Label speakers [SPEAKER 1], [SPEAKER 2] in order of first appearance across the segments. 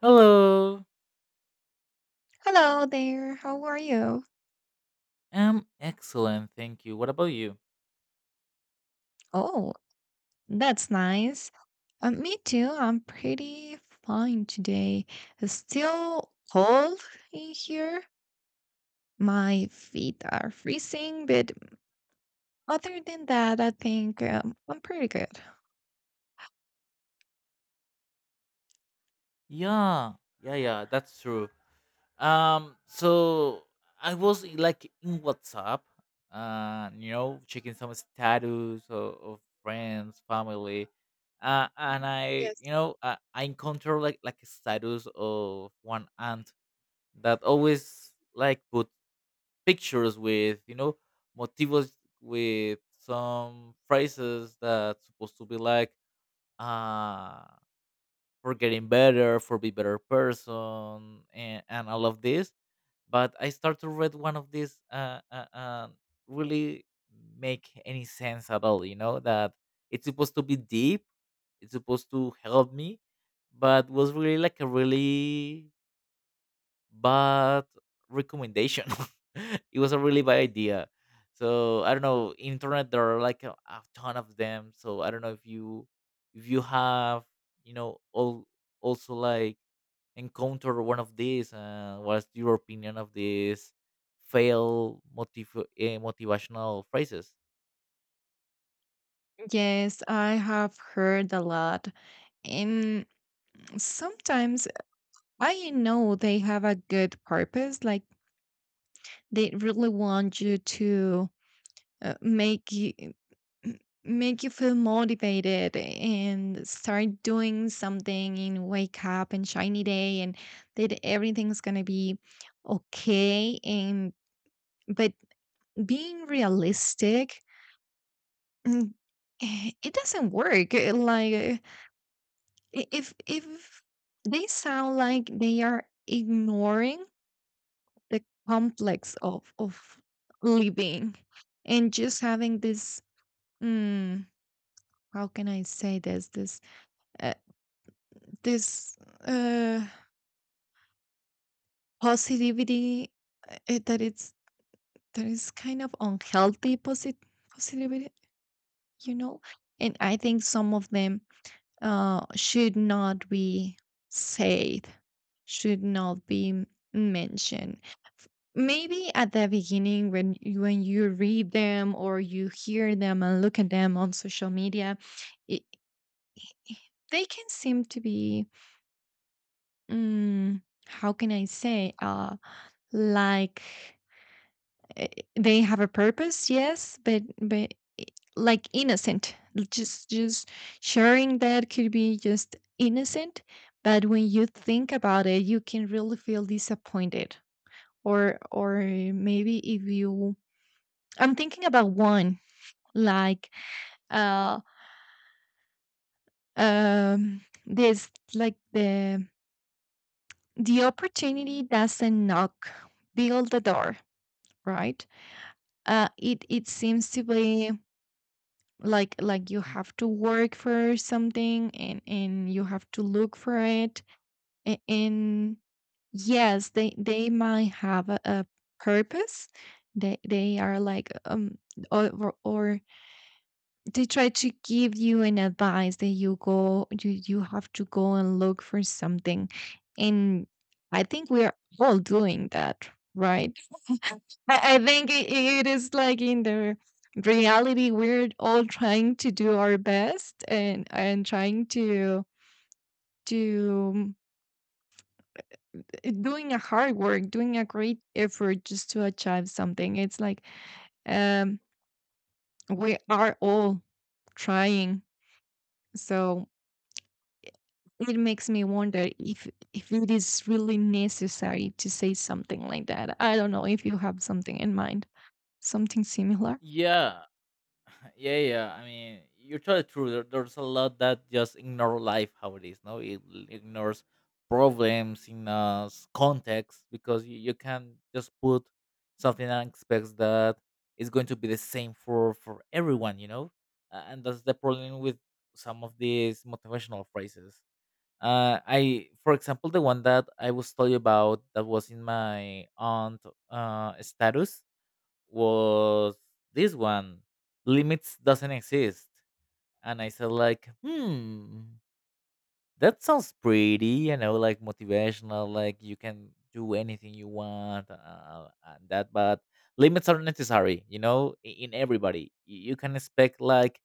[SPEAKER 1] Hello.
[SPEAKER 2] Hello there. How are you?
[SPEAKER 1] I'm excellent, thank you. What about you?
[SPEAKER 2] Oh, that's nice. Me too. I'm pretty fine today. It's still cold in here. My feet are freezing, but other than that, I think I'm pretty good.
[SPEAKER 1] Yeah, yeah, yeah, that's true. So I was like in WhatsApp, you know, checking some status of friends, family, and I,
[SPEAKER 2] Yes.
[SPEAKER 1] you know, I encountered like a status of one aunt that always like put pictures with, you know, motivos with some phrases that's supposed to be like uh, for getting better, for be better person, and all of this. But I start to read one of these really make any sense at all. You know that it's supposed to be deep, it's supposed to help me, but was really like a really bad recommendation. It was a really bad idea. So I don't know. Internet, there are like a ton of them. So I don't know if you have all also like encounter one of these. What's your opinion of these motivational phrases?
[SPEAKER 2] Yes, I have heard a lot. And sometimes I know they have a good purpose, like they really want you to uh, make you m- make you feel motivated and start doing something in wake up and shiny day and that everything's gonna be okay, and but being realistic, mm, it doesn't work. Like, if they sound like they are ignoring the complex of living and just having this, mm, how can I say, uh, this uh, positivity, that it's that is kind of unhealthy positivity, you know. And I think some of them should not be said, should not be mentioned. Maybe at the beginning when when you read them or you hear them and look at them on social media, it, they can seem to be. mm, how can I say, like, eh, they have a purpose, yes, but like innocent, just sharing that could be just innocent. But when you think about it, you can really feel disappointed, or maybe, if you I'm thinking about one, like, uh um this, like, the opportunity doesn't knock, build the door, right? It seems to be like, you have to work for something, and you have to look for it. And yes, they might have a, purpose. They are like, or they try to give you an advice, that you have to go and look for something. And I think we are all doing that, right? I think it is like, in the reality, we're all trying to do our best, and trying to doing a hard work, doing a great effort just to achieve something. It's like, um we are all trying. So it makes me wonder if it is really necessary to say something like that. I don't know if you have something in mind. Something similar?
[SPEAKER 1] Yeah, yeah, yeah. I mean, you're totally true. There's a lot that just ignore life how it is. No, it ignores problems in context because you can just put something and expects that it's going to be the same for everyone. You know, and that's the problem with some of these motivational phrases. I, for example, the one that I was telling you about that was in my aunt status was this one: limits doesn't exist. And I said like, hmm, that sounds pretty, you know, like motivational, like you can do anything you want, and that, but limits are necessary, you know. In everybody, you can expect like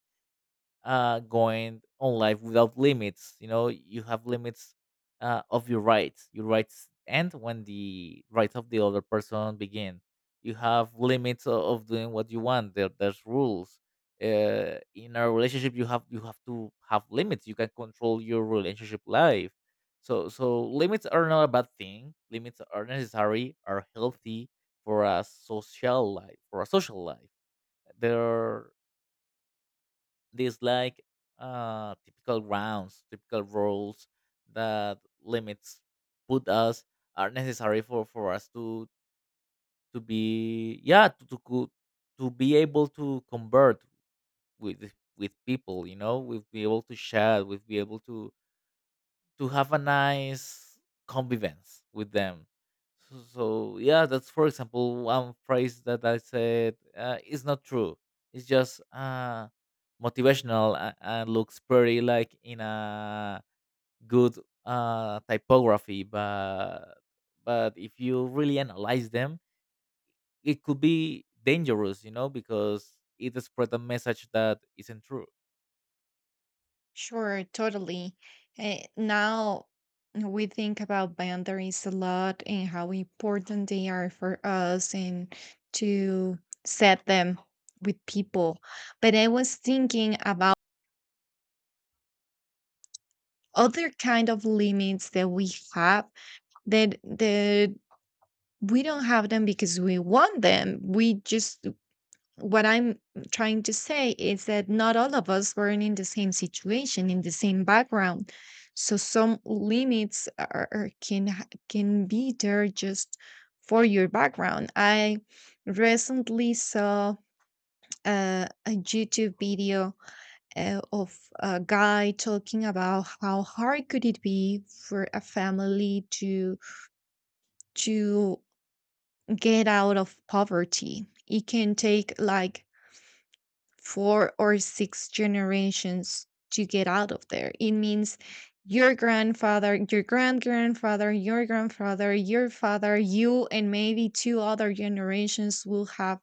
[SPEAKER 1] going on life without limits. You know, you have limits of your rights. Your rights end when the rights of the other person begin. You have limits of doing what you want. There's rules. In a relationship, you have to have limits. You can control your relationship life. So limits are not a bad thing. Limits are necessary, are healthy for a social life. For a social life, there these like typical grounds, typical rules that limits put us are necessary for us to be yeah to, co- to be able to convert with with people. You know, we'll be able to chat, we'll be able to have a nice convivence with them. So, so yeah, that's for example one phrase that I said is not true. It's just motivational and looks pretty, like, in a good typography, but if you really analyze them, it could be dangerous, you know, because it spread a message that isn't true.
[SPEAKER 2] Sure, totally. Now we think about boundaries a lot, and how important they are for us, and to set them with people. But I was thinking about other kind of limits that we have, that we don't have them because we want them. What I'm trying to say is that not all of us were in the same situation, in the same background. So some limits are, can be there just for your background. I recently saw, a YouTube video, of a guy talking about how hard could it be for a family to, to get out of poverty. It can take like four or six generations to get out of there. It means your grandfather, your grand grandfather, your father, you, and maybe two other generations will have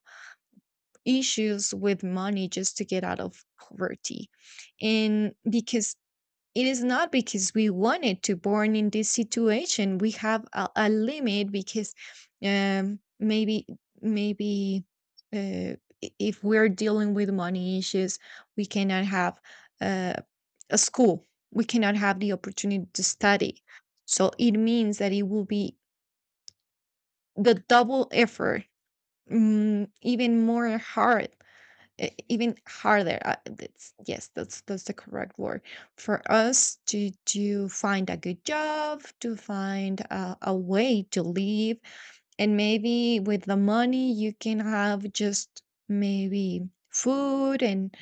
[SPEAKER 2] issues with money just to get out of poverty. And because it is not because we wanted to born in this situation, we have a, limit. Because, um maybe maybe, uh, if we're dealing with money issues, we cannot have, uh, a school, we cannot have the opportunity to study. So it means that it will be the double effort, mm, even more hard even harder. That's, yes, that's the correct word. For us to, find a good job, to find a, way to live, and maybe with the money you can have just, maybe, food, and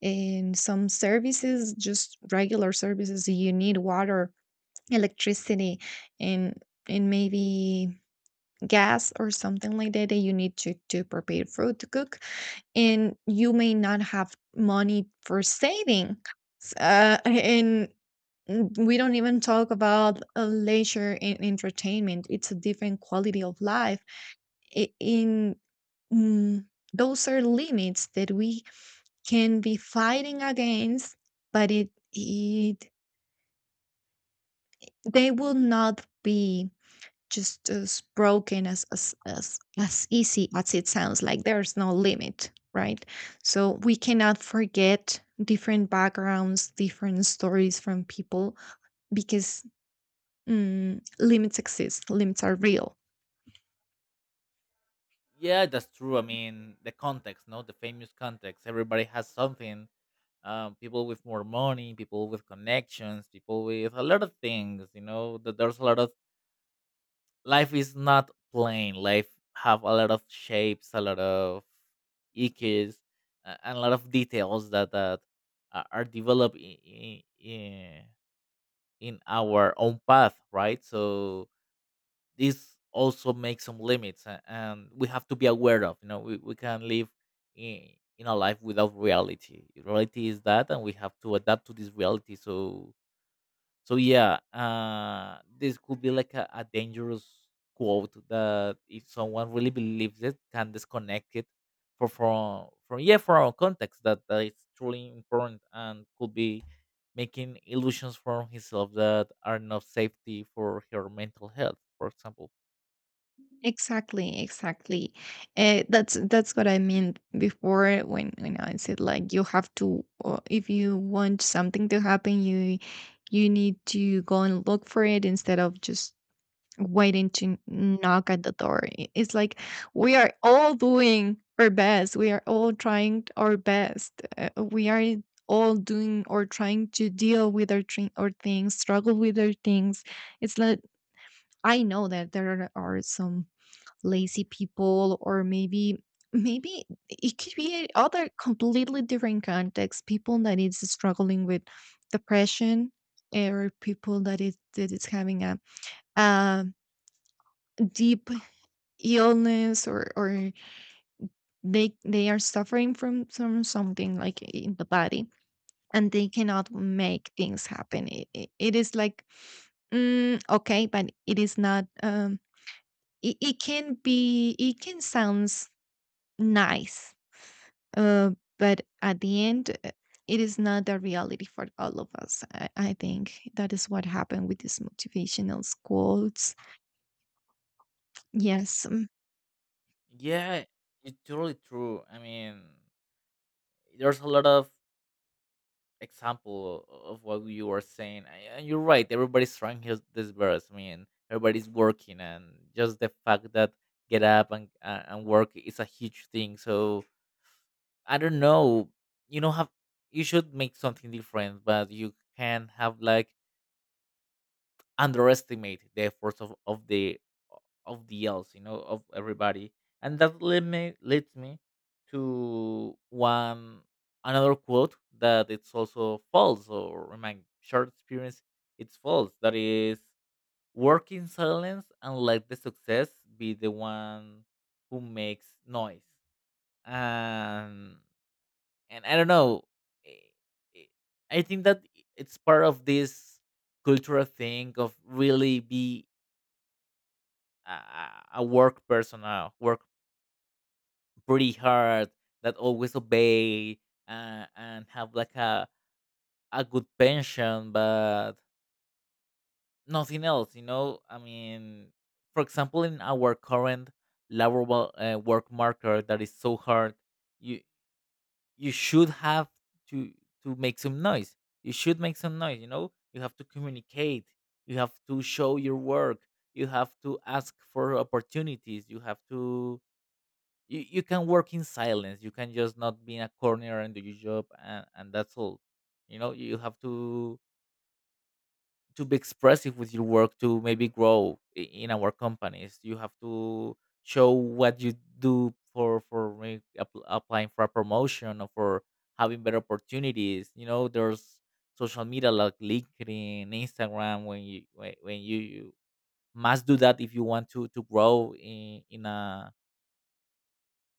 [SPEAKER 2] and some services, just regular services. You need water, electricity, and and maybe gas, or something like that that you need to, prepare food to cook. And you may not have money for saving. S- uh, and we don't even talk about, leisure and entertainment. It's a different quality of life. I- in mm, those are limits that we can be fighting against, but it they will not be just as broken as, as easy as it sounds, like there's no limit, right? So we cannot forget different backgrounds, different stories from people, because, limits exist, limits are real.
[SPEAKER 1] Yeah, that's true. I mean, the context, no, the famous context. Everybody has something. People with more money, people with connections, people with a lot of things. You know, that there's a lot of life is not plain. Life have a lot of shapes, a lot of ickes, and a lot of details that are developed in our own path, right? So this also makes some limits and we have to be aware of. You know, we can live in, in a life without reality. Reality is that, and we have to adapt to this reality. So so yeah, this could be like a dangerous quote that if someone really believes, it can disconnect it for from yeah for our context that, that it's truly important and could be making illusions from himself that are not safety for her mental health, for example.
[SPEAKER 2] Exactly, exactly. That's what I meant before, when I said, like, you have to, if you want something to happen, you need to go and look for it, instead of just waiting to knock at the door. It's like we are all doing our best. We are all trying our best. We are all doing, or trying to deal with our, our things, struggle with our things. It's like, I know that there are some lazy people, or maybe, it could be other completely different context. People that is struggling with depression, or people that is having a, um deep illness, or they are suffering from something, like in the body, and they cannot make things happen. It is like, okay, but it is not, it can be, it can sounds nice, uh but at the end, it is not the reality for all of us. I think that is what happened with these motivational quotes, yes, mm.
[SPEAKER 1] Yeah, it's totally true. I mean, there's a lot of example of what you were saying, and you're right. Everybody's trying his this verse. I mean, everybody's working, and just the fact that get up and work is a huge thing. So I don't know. You know, have you should make something different, but you can have like underestimate the efforts of the else, you know, of everybody. And that led me leads me to one another quote that it's also false, or in my short experience, it's false. That is, work in silence and let the success be the one who makes noise. And and I don't know. eh, eh, I think that it's part of this cultural thing of really be a work person, work pretty hard, that always obey and have like a good pension, but nothing else, you know? I mean, for example, in our current laboral work market that is so hard, you you should have to to make some noise. You should make some noise, you know? You have to communicate. You have to show your work. You have to ask for opportunities. You have to you can work in silence, you can just not be in a corner and do your job and that's all. You know, you have to be expressive with your work to maybe grow in our companies. You have to show what you do for applying for a promotion or for having better opportunities. You know, there's social media like LinkedIn, Instagram, when you you must do that if you want to grow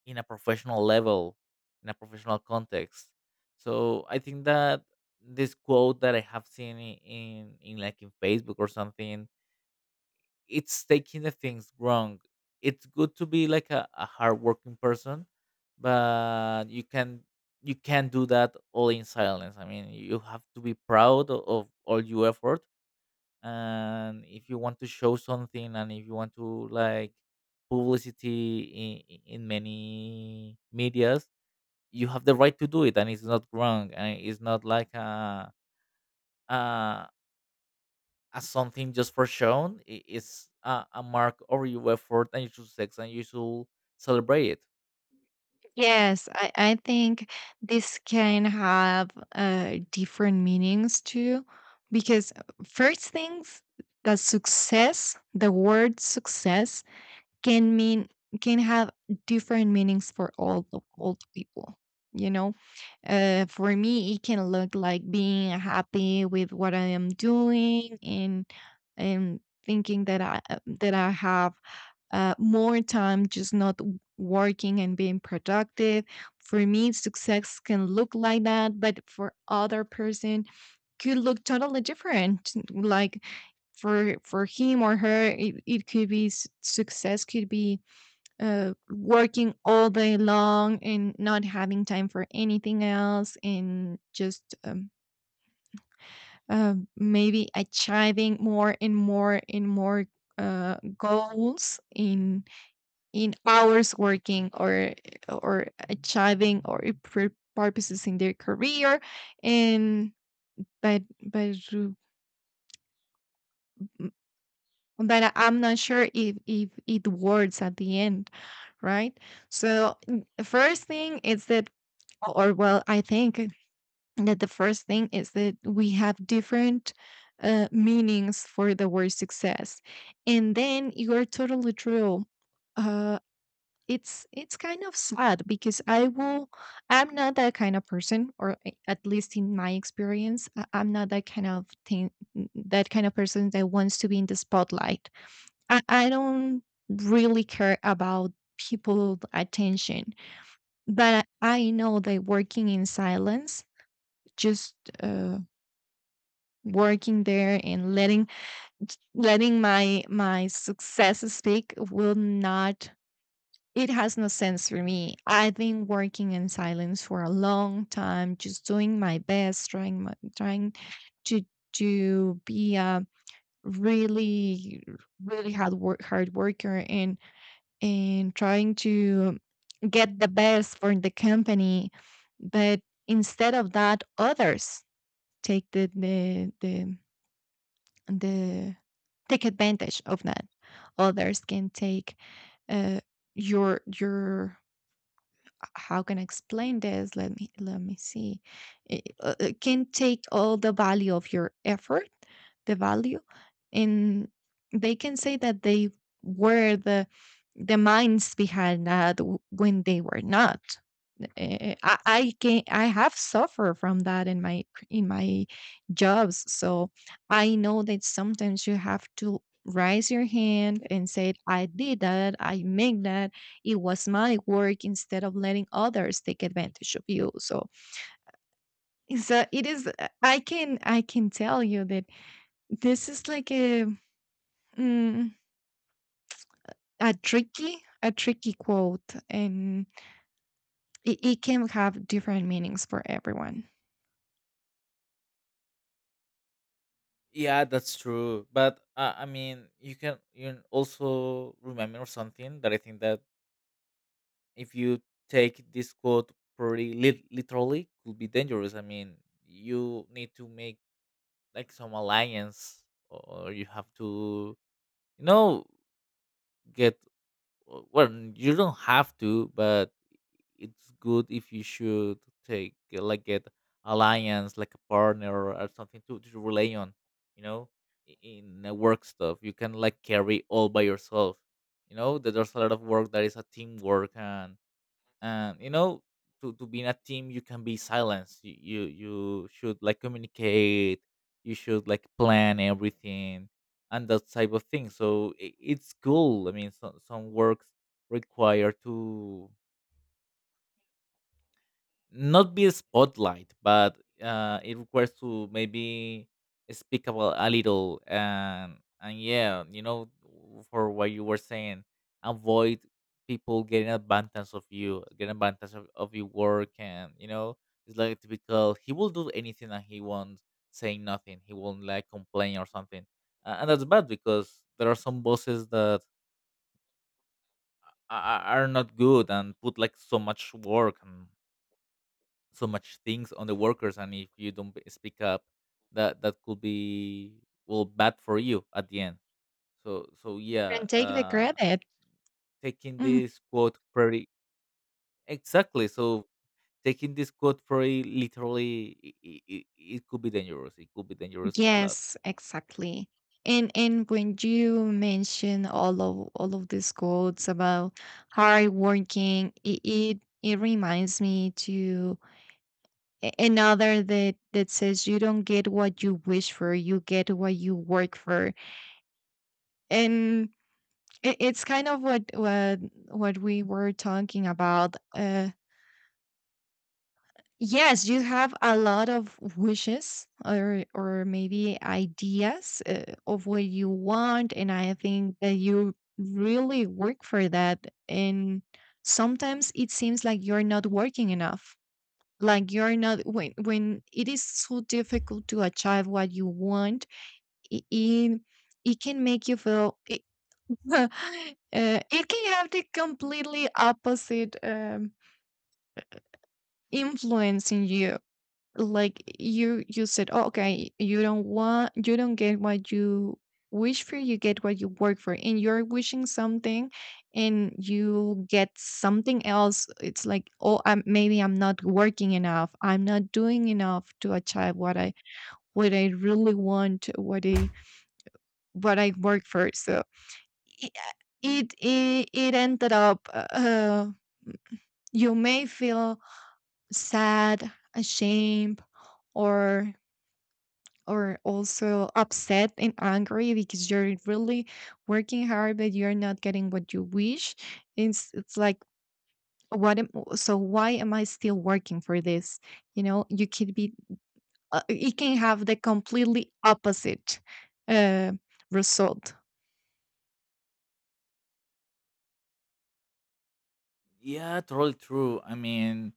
[SPEAKER 1] in a professional level, in a professional context. So I think that this quote that I have seen in like in Facebook or something, it's taking the things wrong. It's good to be like a hardworking person, but you can you can't do that all in silence. I mean, you have to be proud of all your effort, and if you want to show something, and if you want to like publicity in many medias, you have the right to do it, and it's not wrong, and it's not like a, a something just for shown. It's a mark of your effort, and you should sex, and you should celebrate it.
[SPEAKER 2] Yes, I think this can have, different meanings too, because, first things, that success, the word success can mean, can have different meanings for all the, people. You know, for me, it can look like being happy with what I am doing, and thinking that I, have, more time, just not working and being productive. For me, success can look like that. But for other person, could look totally different. Like, for him or her, it could be, success could be, working all day long and not having time for anything else, and just, maybe achieving more and more and more, goals in, hours working, or achieving, or purposes in their career. And, but but you- m- but I'm not sure if it works at the end, right? So, n- first thing is that or well, I think that the first thing is that we have different, meanings for the word success. And then, you are totally true. Uh, it's kind of sad, because I'm not that kind of person, or, at least in my experience, I'm not that kind of thing, that kind of person that wants to be in the spotlight. I don't really care about people attention, but I know that working in silence, just, uh, working there, and letting my success speak will not. It has no sense for me. I've been working in silence for a long time, just doing my best, trying to to be a really, really hard worker, and trying to get the best for the company. But instead of that, others take the take advantage of that. Others can take, uh, your how can I explain this? Let me, see. It can take all the value of your effort, the value, and they can say that they were the, minds behind that, when they were not. Eh, I can I have suffered from that in my, jobs. So I know that sometimes you have to raise your hand and say, "I did that. I make that. It was my work," instead of letting others take advantage of you. So it's a, it is. I can tell you that this is like a, mm, a tricky quote, and it can have different meanings for everyone.
[SPEAKER 1] Yeah, that's true, but I mean, you can also remember something that I think that if you take this quote pretty literally could be dangerous. I mean, you need to make like some alliance, or you have to, you know, get well, you don't have to, but it's good if you should take like get alliance like a partner or something to rely on, you know, in work stuff you can like carry all by yourself. You know that there's a lot of work that is a teamwork, and you know, to be in a team you can be silenced. You you should like communicate, you should like plan everything and that type of thing. So I it's cool. I mean, so, some works require to not be a spotlight, but it requires to maybe speak about a little and yeah, you know, for what you were saying, avoid people getting advantage of you, getting advantage of your work, and you know, it's like typical. He will do anything and he won't say nothing. He won't like complain or something, and that's bad because there are some bosses that are not good and put like so much work and so much things on the workers, and if you don't speak up, that could be well bad for you at the end. So so yeah.
[SPEAKER 2] And take the
[SPEAKER 1] uh
[SPEAKER 2] credit.
[SPEAKER 1] Taking
[SPEAKER 2] Mhm.
[SPEAKER 1] this quote very exactly. So taking this quote very literally, it could be dangerous. It could be dangerous a lot.
[SPEAKER 2] Yes, exactly. And when you mention all of these quotes about hard working, it reminds me to, another that says, you don't get what you wish for, you get what you work for. And it's kind of what, we were talking about. Yes, you have a lot of wishes, or maybe ideas, of what you want, and I think that you really work for that. And sometimes it seems like you're not working enough. Like you're not, when it is so difficult to achieve what you want. It it, it can make you feel. It can have the completely opposite, influence in you. Like you said, "Oh, okay, you don't want, you don't get what you wish for. You get what you work for." And you're wishing something, and you get something else. It's like, "Oh, I'm, maybe I'm not working enough. I'm not doing enough to achieve what I really want, what I work for." So. i- it ended up you may feel sad, ashamed, or or also upset and angry because you're really working hard but you're not getting what you wish. It's like what am, so why am I still working for this? You know, you could be it can have the completely opposite uh, result.
[SPEAKER 1] Yeah, totally true. I mean,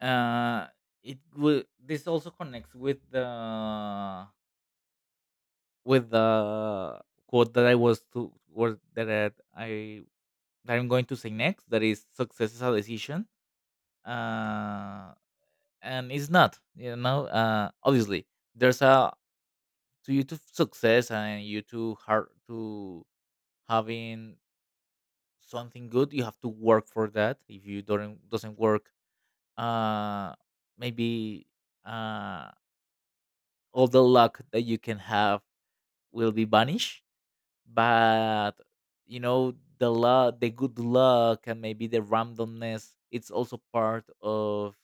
[SPEAKER 1] uh it will this also connects with the quote that I was to was that I that I'm going to say next. That is, success is a decision, uh, and it's not. You know, obviously, there's a to you to success and you to hard to having something good. You have to work for that. If you don't doesn't work, uh, maybe uh, all the luck that you can have will be vanished. But you know, the luck, the good luck, and maybe the randomness it's also part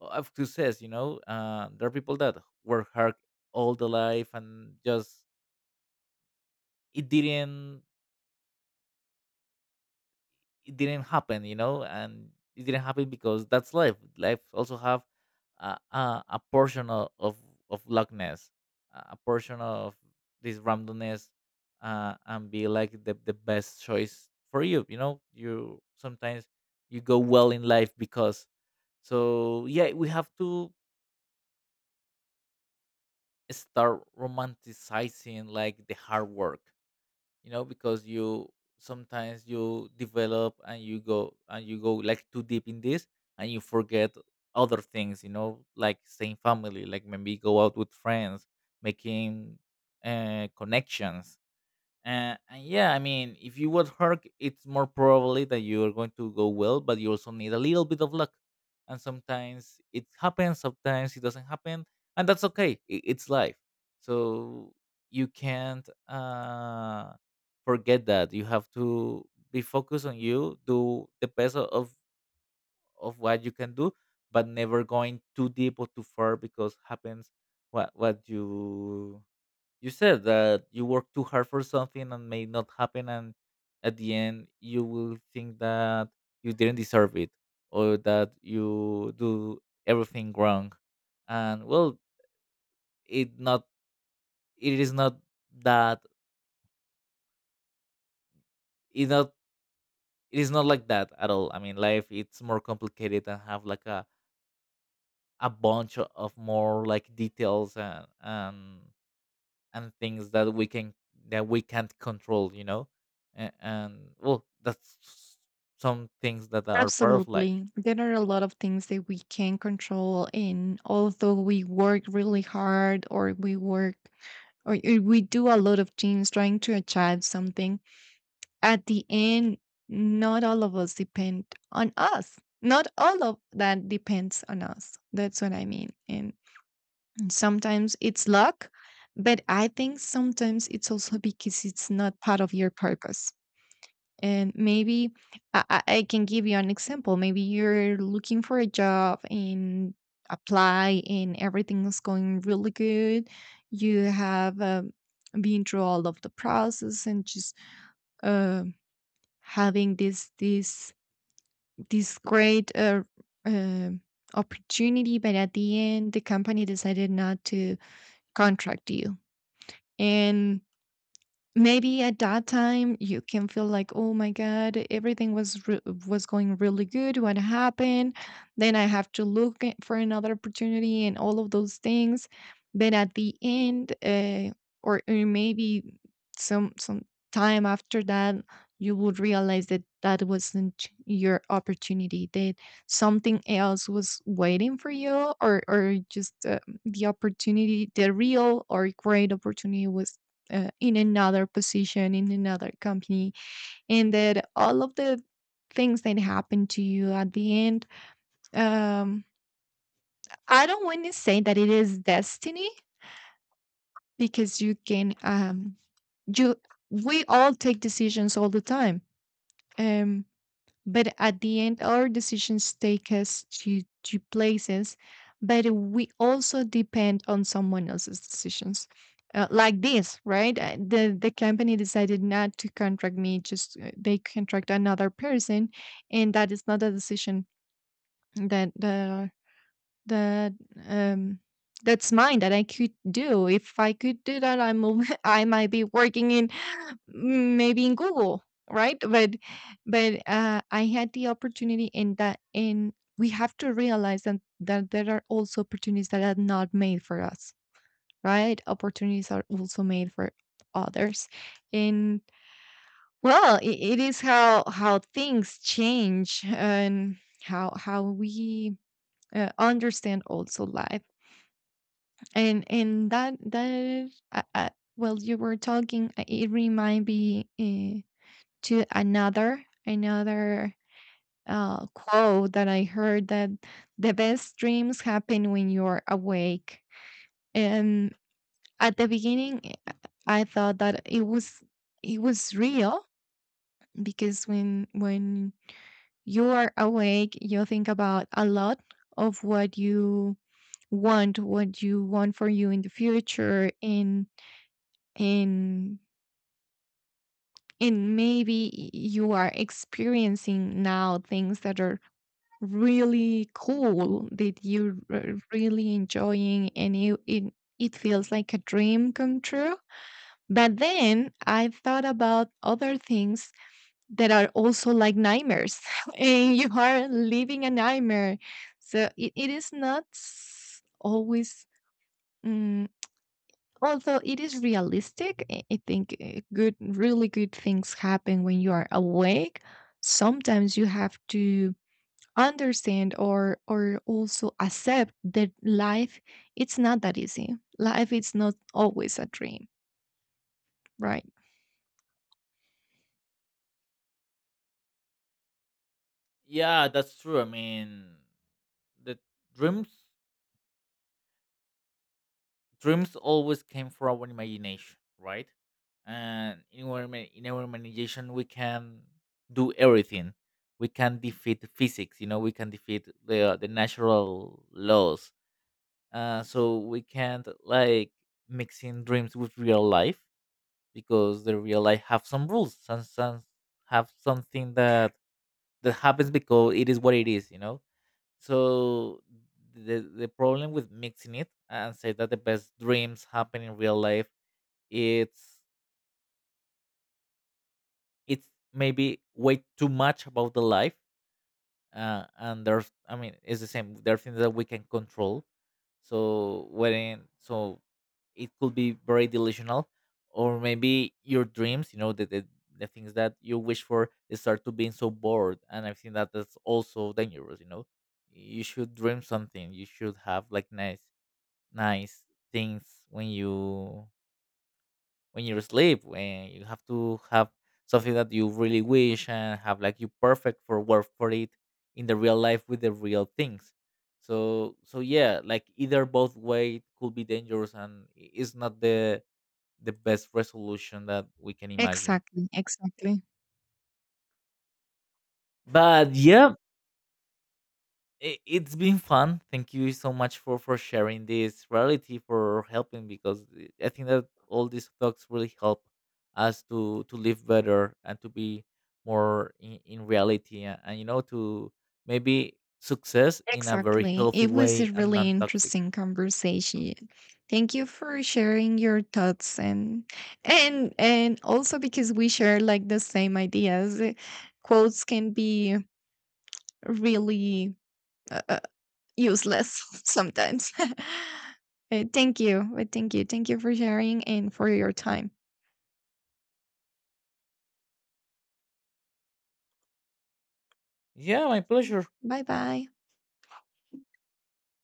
[SPEAKER 1] of success. You know, there are people that work hard all the life and just it didn't it didn't happen, you know, and it didn't happen because that's life. Life also have a portion of luckness, a portion of this randomness, and be like the best choice for you. You know, you sometimes you go well in life because so yeah, we have to start romanticizing like the hard work, you know, because you sometimes you develop and you go like too deep in this and you forget other things, you know, like staying family, like maybe go out with friends, making connections, and yeah, I mean, if you would hurt, it's more probably that you are going to go well, but you also need a little bit of luck. And sometimes it happens, sometimes it doesn't happen, and that's okay. It's life. So you can't forget that. You have to be focused on you, do the best of what you can do, but never going too deep or too far, because happens what you said that you work too hard for something and may not happen, and at the end you will think that you didn't deserve it or that you do everything wrong, and well, it not it is not that it not it is not like that at all. I mean, life it's more complicated and have like a bunch of more like details and things that we can that we can't control, you know. And well, some things that are part of life.
[SPEAKER 2] Absolutely. There are a lot of things that we can control. And although we work really hard, or we work, we do a lot of things trying to achieve something. At the end, not all of us depend on us, not all of that depends on us. That's what I mean. And sometimes it's luck, but I think sometimes it's also because it's not part of your purpose. And maybe I can give you an example. Maybe you're looking for a job and apply, and everything is going really good. You have been through all of the process and just uh, having this this great uh, opportunity. But at the end, the company decided not to contract you, and maybe at that time you can feel like, "Oh my god, everything was was going really good. What happened? Then I have to for another opportunity and all of those things." But at the end, or maybe some time after that, you would realize that that wasn't your opportunity. That something else was waiting for you, or just the opportunity, the real or great opportunity was in another position, in another company. And that all of the things that happen to you at the end, um I don't want to say that it is destiny, because you can, you, we all take decisions all the time. um But at the end, our decisions take us to places, but we also depend on someone else's decisions. Like this, right? The company decided not to contract me; just they contract another person, and that is not a decision that the, that, um that's mine, that I could do. If I could do that, I'm a I might be working in maybe in Google, right? But I had the opportunity in that, in we have to realize that, that there are also opportunities that are not made for us, right? Opportunities are also made for others. And well, it is how things change and how we understand also life. And that well, you were talking, it remind me to another quote that I heard, that the best dreams happen when you're awake. And at the beginning, uh, I thought that it was, it was real, because when you are awake, you think about a lot of what you want, what you want for you in the future. And and and maybe you are experiencing now things that are really cool, that you're really enjoying, and you it, it feels like a dream come true. But then I thought about other things that are also like nightmares, and you are living a nightmare. So it is not always, mm, although it is realistic. I think good, really good things happen when you are awake. Sometimes you have to understand, or also accept, that life, it's not that easy. Life is not always a dream, right?
[SPEAKER 1] Yeah, that's true. I mean, the dreams dreams always came from our imagination, right? And in our imagination, we can do everything. We can defeat physics. You know, we can defeat the natural laws. So we can't like mixing dreams with real life, because the real life have some rules, some have something that that happens because it is what it is, you know. So the problem with mixing it and say that the best dreams happen in real life, it's it's maybe way too much about the life, and there's, I mean, it's the same, there are things that we can control. So when so it could be very delusional, or maybe your dreams, you know, the things that you wish for, they start to being so bored, and I think that that's also dangerous, you know. You should dream something, you should have like nice nice things when you when you're asleep, when you have to have something that you really wish and have like you perfect for work for it in the real life with the real things. So so yeah, like either both way could be dangerous, and it's not the the best resolution that we can imagine.
[SPEAKER 2] Exactly, exactly.
[SPEAKER 1] But yeah, it, it's been fun. Thank you so much for sharing this reality, for helping, because I think that all these talks really help us to live better and to be more in reality, and you know, to maybe success in a very
[SPEAKER 2] Exactly.
[SPEAKER 1] healthy
[SPEAKER 2] It was
[SPEAKER 1] way
[SPEAKER 2] a
[SPEAKER 1] and
[SPEAKER 2] really
[SPEAKER 1] non toxic.
[SPEAKER 2] interesting conversation. Thank you for sharing your thoughts, and and also because we share like the same ideas. Quotes can be really uh, uh, useless sometimes. Thank you. Thank you for sharing and for your time.
[SPEAKER 1] Yeah, my pleasure.
[SPEAKER 2] Bye bye.